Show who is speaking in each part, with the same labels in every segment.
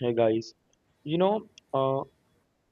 Speaker 1: Hey guys, you know, uh,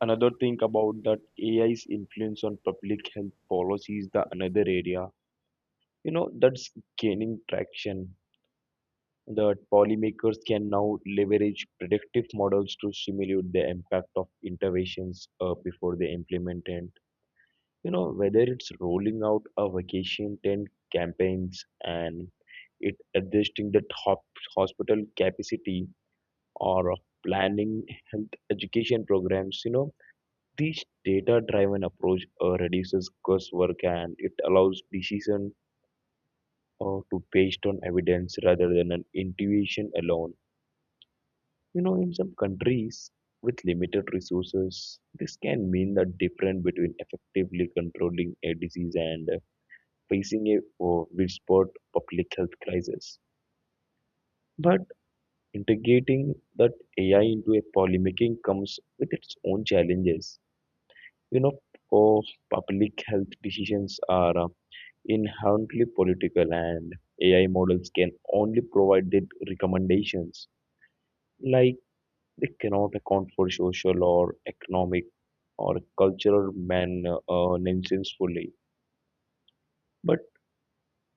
Speaker 1: Another thing about that AI's influence on public health policy is the another area, that's gaining traction. That policymakers can now leverage predictive models to simulate the impact of interventions before they implement it. You know, whether it's rolling out a vacation tent campaigns and it adjusting the top hospital capacity or planning health education programs, This data-driven approach reduces guesswork and it allows decision to based on evidence rather than an intuition alone. You know, in some countries with limited resources, this can mean the difference between effectively controlling a disease and facing a widespread public health crisis. But integrating that AI into a policymaking comes with its own challenges. You know, uh, Public health decisions are inherently political, and AI models can only provide the recommendations. Like they cannot account for social or economic or cultural man nonsense fully. But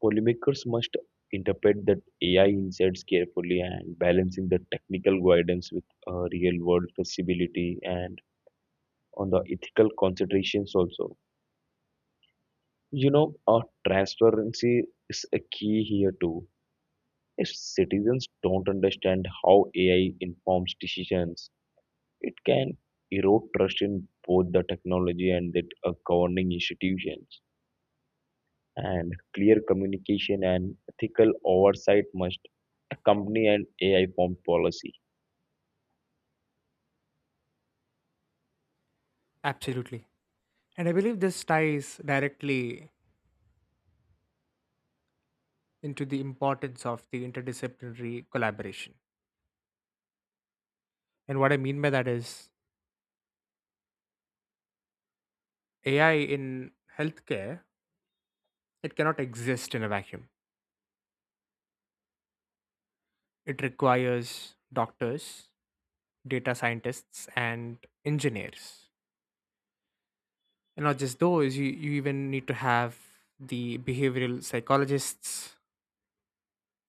Speaker 1: policymakers must interpret that AI insights carefully and balancing the technical guidance with real world flexibility and on the ethical considerations also. You know, uh, Transparency is a key here too. If citizens don't understand how AI informs decisions, it can erode trust in both the technology and the governing institutions. And clear communication and ethical oversight must accompany an AI formed policy.
Speaker 2: Absolutely. And I believe this ties directly into the importance of the interdisciplinary collaboration. And what I mean by that is AI in healthcare, it cannot exist in a vacuum. It requires doctors, data scientists, and engineers. And not just those, you even need to have the behavioral psychologists,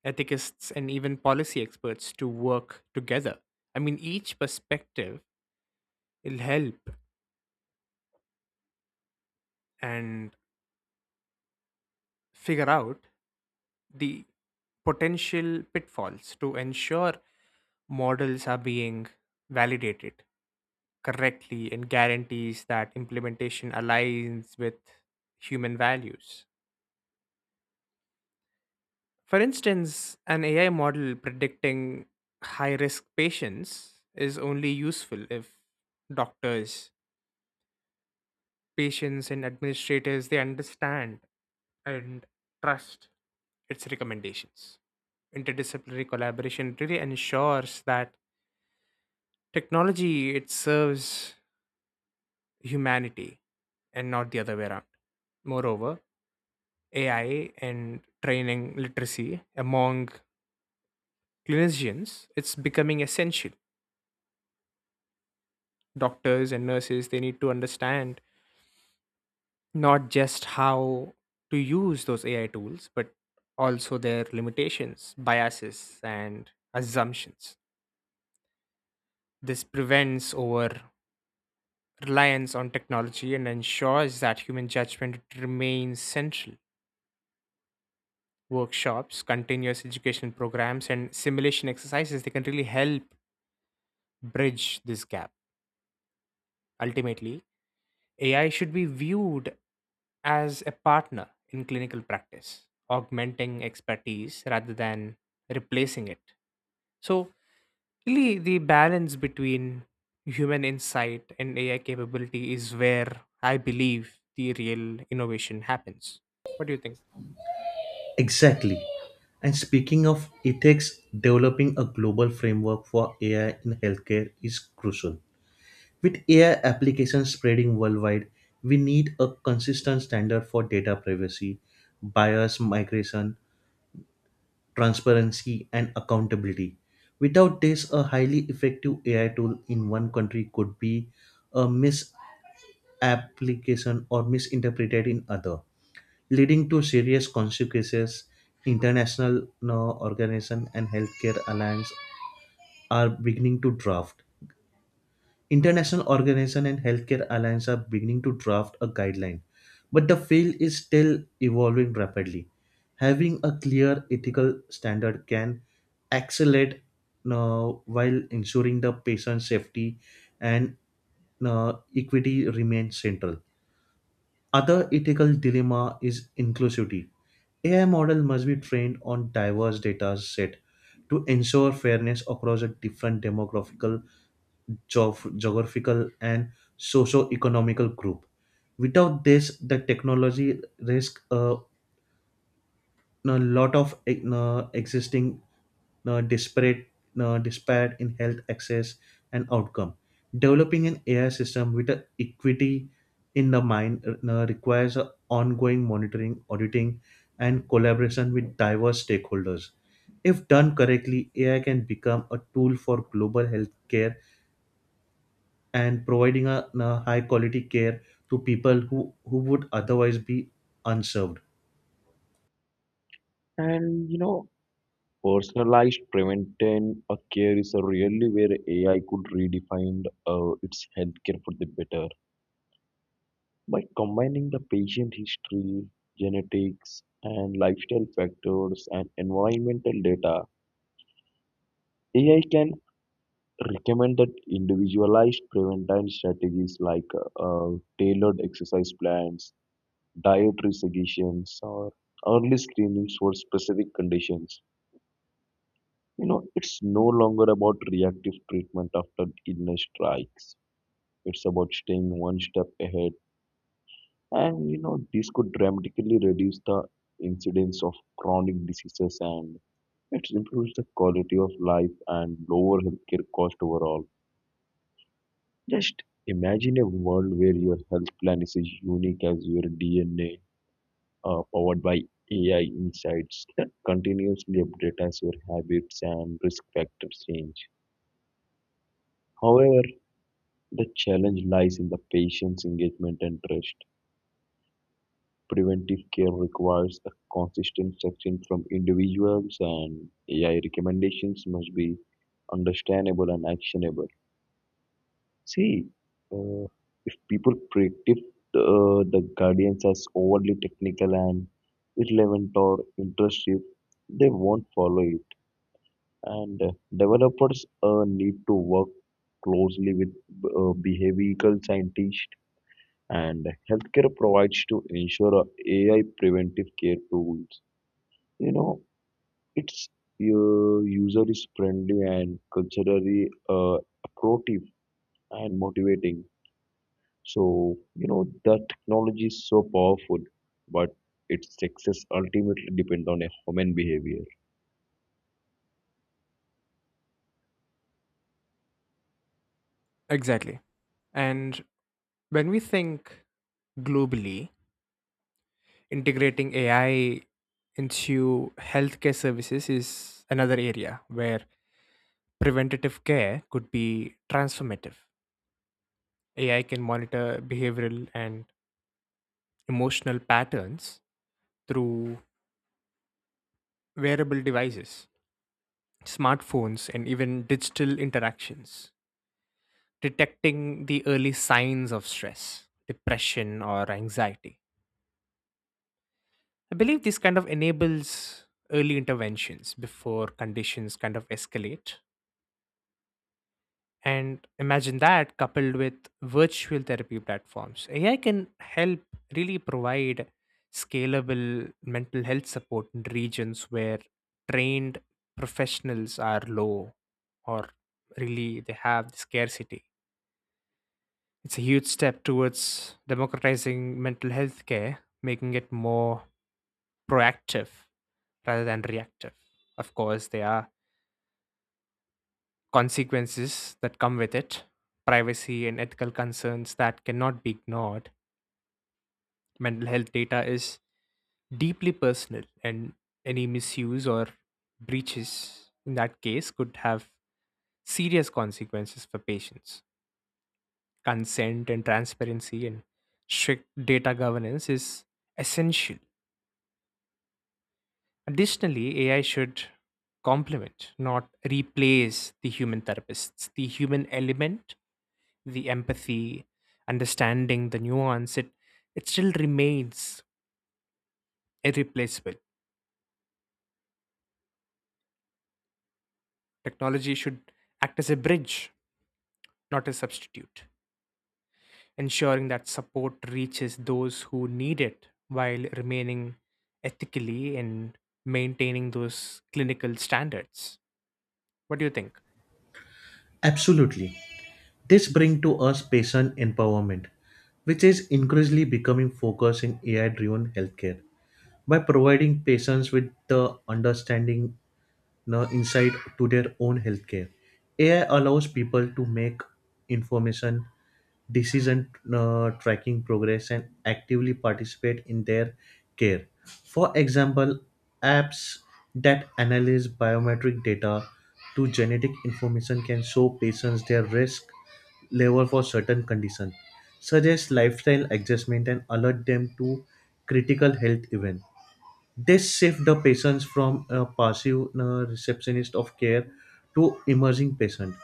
Speaker 2: ethicists, and even policy experts to work together. I mean, each perspective will help and figure out the potential pitfalls to ensure models are being validated correctly and guarantees that implementation aligns with human values. For instance, an AI model predicting high risk patients is only useful if doctors, patients, and administrators they understand and trust its recommendations. Interdisciplinary collaboration really ensures that technology, it serves humanity and not the other way around. Moreover, AI and training literacy among clinicians, it's becoming essential. Doctors and nurses, they need to understand not just how to use those AI tools, but also their limitations, biases, and assumptions. This prevents over reliance on technology and ensures that human judgment remains central workshops, continuous education programs, and simulation exercises, they can really help bridge this gap. Ultimately, AI should be viewed as a partner in clinical practice, augmenting expertise rather than replacing it. So, really, the balance between human insight and AI capability is where I believe the real innovation happens. What do you think?
Speaker 3: Exactly. And speaking of ethics, developing a global framework for AI in healthcare is crucial. With AI applications spreading worldwide, we need a consistent standard for data privacy, bias migration, transparency, and accountability. Without this, a highly effective AI tool in one country could be a misapplication or misinterpreted in other, leading to serious consequences. International organization and healthcare alliance are beginning to draft. International organization and healthcare alliance are beginning to draft a guideline, but the field is still evolving rapidly. Having a clear ethical standard can accelerate, uh, while ensuring the patient safety and equity remains central. Other ethical dilemma is inclusivity. AI model must be trained on diverse data set to ensure fairness across a different demographical, geographical, and socio-economical group. Without this, the technology risk a lot of existing uh, disparate disparate in health access and outcome. Developing an AI system with a equity in the mind requires a ongoing monitoring, auditing, and collaboration with diverse stakeholders. If done correctly, AI can become a tool for global healthcare and providing a high quality care to people who would otherwise be unserved.
Speaker 1: And you know, Personalized preventive care is a really where AI could redefine its healthcare for the better. By combining the patient history, genetics, and lifestyle factors and environmental data, AI can recommend that individualized preventive strategies like uh, tailored exercise plans, dietary suggestions, or early screenings for specific conditions. You know, it's no longer about reactive treatment after illness strikes. It's about staying one step ahead. This could dramatically reduce the incidence of chronic diseases and it improves the quality of life and lower healthcare cost overall. Just imagine a world where your health plan is as unique as your DNA, powered by AI insights that continuously update as your habits and risk factors change. However, the challenge lies in the patient's engagement and trust. Preventive care requires a consistent action from individuals, and AI recommendations must be understandable and actionable. See, uh, if people predict the guardians as overly technical and irrelevant or intrusive, they won't follow it. And developers need to work closely with behavioral scientists and healthcare provides to ensure a AI preventive care tools. You know, its user is friendly and culturally approative and motivating. So, the technology is so powerful, but its success ultimately depends on a human behavior.
Speaker 2: Exactly. And when we think globally, integrating AI into healthcare services is another area where preventative care could be transformative. AI can monitor behavioral and emotional patterns through wearable devices, smartphones, and even digital interactions, detecting the early signs of stress, depression, or anxiety. I believe this kind of enables early interventions before conditions kind of escalate. And imagine that coupled with virtual therapy platforms. AI can help really provide scalable mental health support in regions where trained professionals are low or really they have scarcity. It's a huge step towards democratizing mental health care, making it more proactive rather than reactive. Of course, there are consequences that come with it, privacy and ethical concerns that cannot be ignored. Mental health data is deeply personal, and any misuse or breaches in that case could have serious consequences for patients. Consent and transparency and strict data governance is essential. Additionally, AI should complement, not replace the human therapists. The human element, the empathy, understanding, the nuance, it still remains irreplaceable. Technology should act as a bridge, not a substitute, ensuring that support reaches those who need it while remaining ethically and maintaining those clinical standards. What do you think?
Speaker 3: Absolutely. This brings to us patient empowerment, which is increasingly becoming focus in AI driven healthcare. By providing patients with the understanding, no, insight to their own healthcare, AI allows people to make information decision, tracking progress and actively participate in their care. For example, apps that analyze biometric data to genetic information can show patients their risk level for certain conditions, suggest lifestyle adjustment, and alert them to critical health events. This shift the patients from a passive receptionist of care to emerging patient,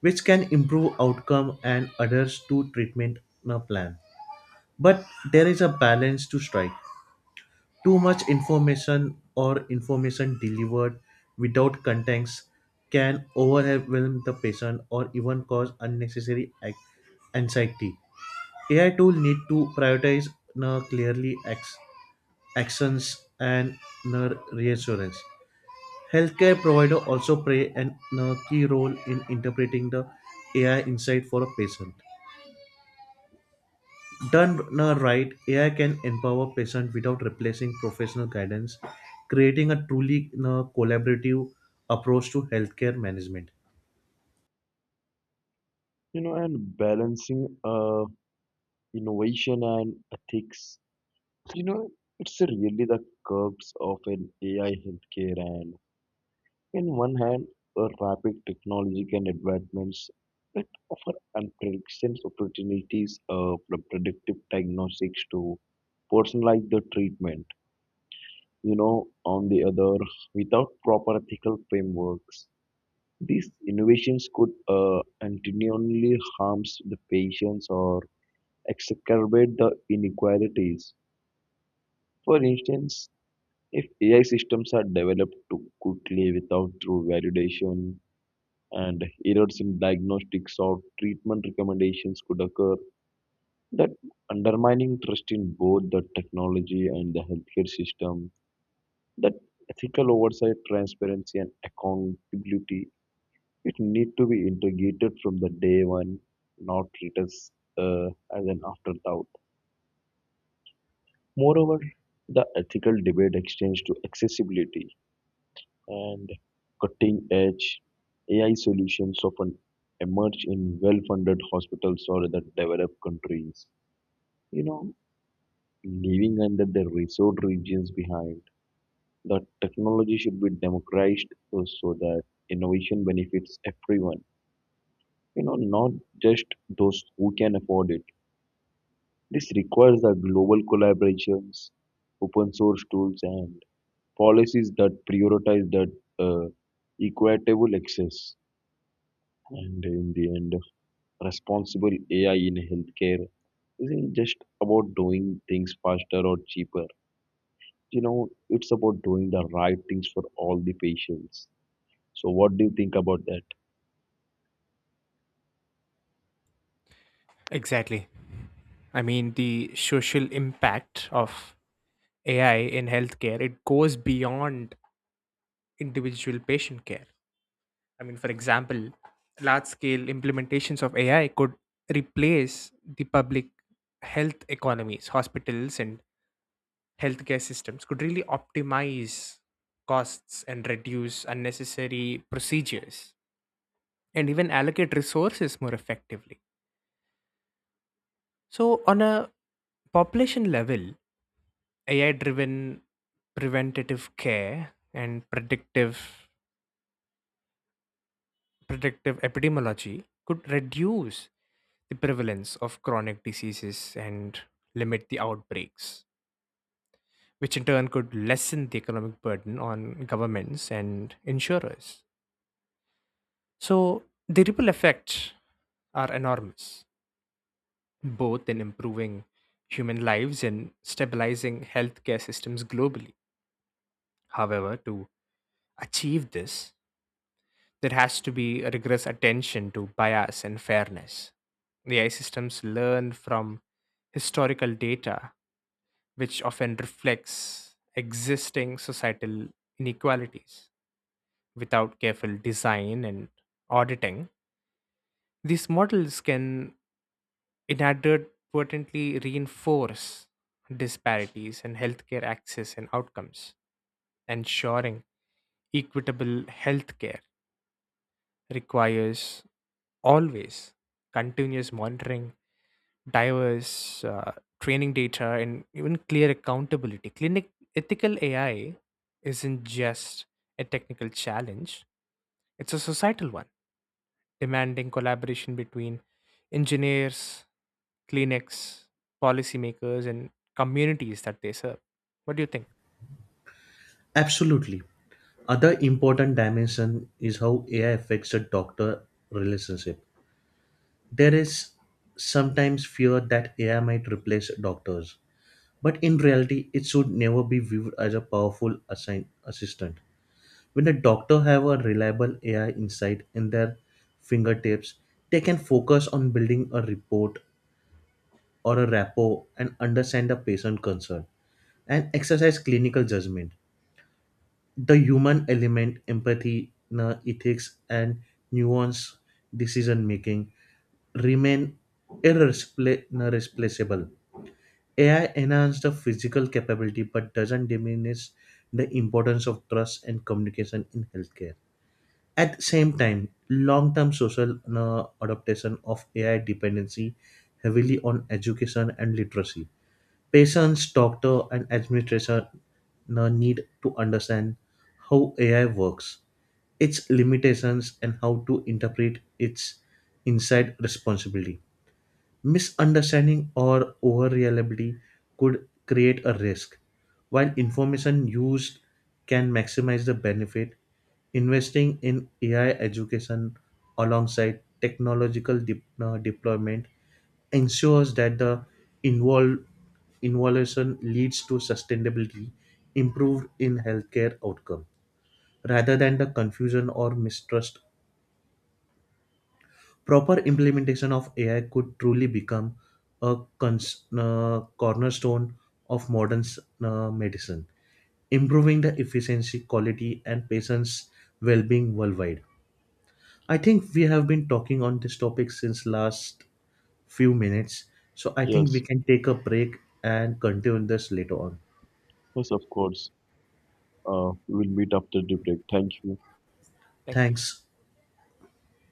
Speaker 3: which can improve outcome and adheres to treatment plan. But there is a balance to strike. Too much information or information delivered without context can overwhelm the patient or even cause anxiety. AI tool need to prioritize uh, clearly ex- actions and reassurance. Healthcare provider also play an key role in interpreting the AI insight for a patient. Done right, AI can empower patients without replacing professional guidance, creating a truly collaborative approach to healthcare management.
Speaker 1: And balancing innovation and ethics. You know, it's really the curves of an AI healthcare and in one hand, a rapid technological advancements that offer unprecedented opportunities for predictive diagnostics to personalize the treatment. On the other, without proper ethical frameworks, these innovations could continually harm the patients or exacerbate the inequalities. For instance, if AI systems are developed too quickly without true validation, and errors in diagnostics or treatment recommendations could occur that undermining trust in both the technology and the healthcare system, that ethical oversight transparency and accountability it need to be integrated from the day one, not treated as, uh, as an afterthought. Moreover, the ethical debate extends to accessibility and cutting-edge AI solutions often emerge in well-funded hospitals or other developed countries. You know, Leaving under the resource regions behind, the technology should be democratized so that innovation benefits everyone. Not just those who can afford it. This requires the global collaborations, open source tools, and policies that prioritize that uh, equitable access. And in the end, responsible AI in healthcare isn't just about doing things faster or cheaper. It's about doing the right things for all the patients. So, what do you think about that?
Speaker 2: Exactly. I mean, the social impact of AI in healthcare, it goes beyond individual patient care. I mean, for example, large scale implementations of AI could replace the public health economies, hospitals, and healthcare systems, could really optimize costs and reduce unnecessary procedures and even allocate resources more effectively. So, on a population level, AI driven preventative care and predictive epidemiology could reduce the prevalence of chronic diseases and limit the outbreaks, which in turn could lessen the economic burden on governments and insurers. So, the ripple effects are enormous, both in improving human lives and stabilizing healthcare systems globally. However, to achieve this, there has to be a rigorous attention to bias and fairness. AI systems learn from historical data which often reflects existing societal inequalities. Without careful design and auditing, these models can inadvertently reinforce disparities in healthcare access and outcomes, ensuring equitable healthcare requires always continuous monitoring, diverse training data, and even clear accountability. Clinic ethical AI isn't just a technical challenge; it's a societal one, demanding collaboration between engineers, clinics, policymakers, and communities that they serve. What do you think?
Speaker 3: Absolutely. Other important dimension is how AI affects the doctor relationship. There is sometimes fear that AI might replace doctors, but in reality, it should never be viewed as a assistant. When a doctor have a reliable AI insight in their fingertips, they can focus on building a report or a rapport and understand the patient concern and exercise clinical judgment. The human element, empathy, ethics, and nuance decision making remain replaceable. AI enhances the physical capability but doesn't diminish the importance of trust and communication in healthcare. At the same time, long term social adaptation of AI dependency heavily on education and literacy. Patients, doctor, and administration need to understand how AI works, its limitations, and how to interpret its inside responsibility. Misunderstanding or over reliability could create a risk. While information used can maximize the benefit, investing in AI education alongside technological deployment ensures that the involve, involution leads to sustainability improved in healthcare outcome rather than the confusion or mistrust. Proper implementation of AI could truly become a cornerstone of modern medicine, improving the efficiency, quality, and patients' well-being worldwide. I think we have been talking on this topic since last few minutes, so I think we
Speaker 1: Yes,
Speaker 3: can take a break and continue this later on.
Speaker 1: yes, of course. We'll meet after the break. Thank you.
Speaker 2: Thank you.
Speaker 3: Thanks.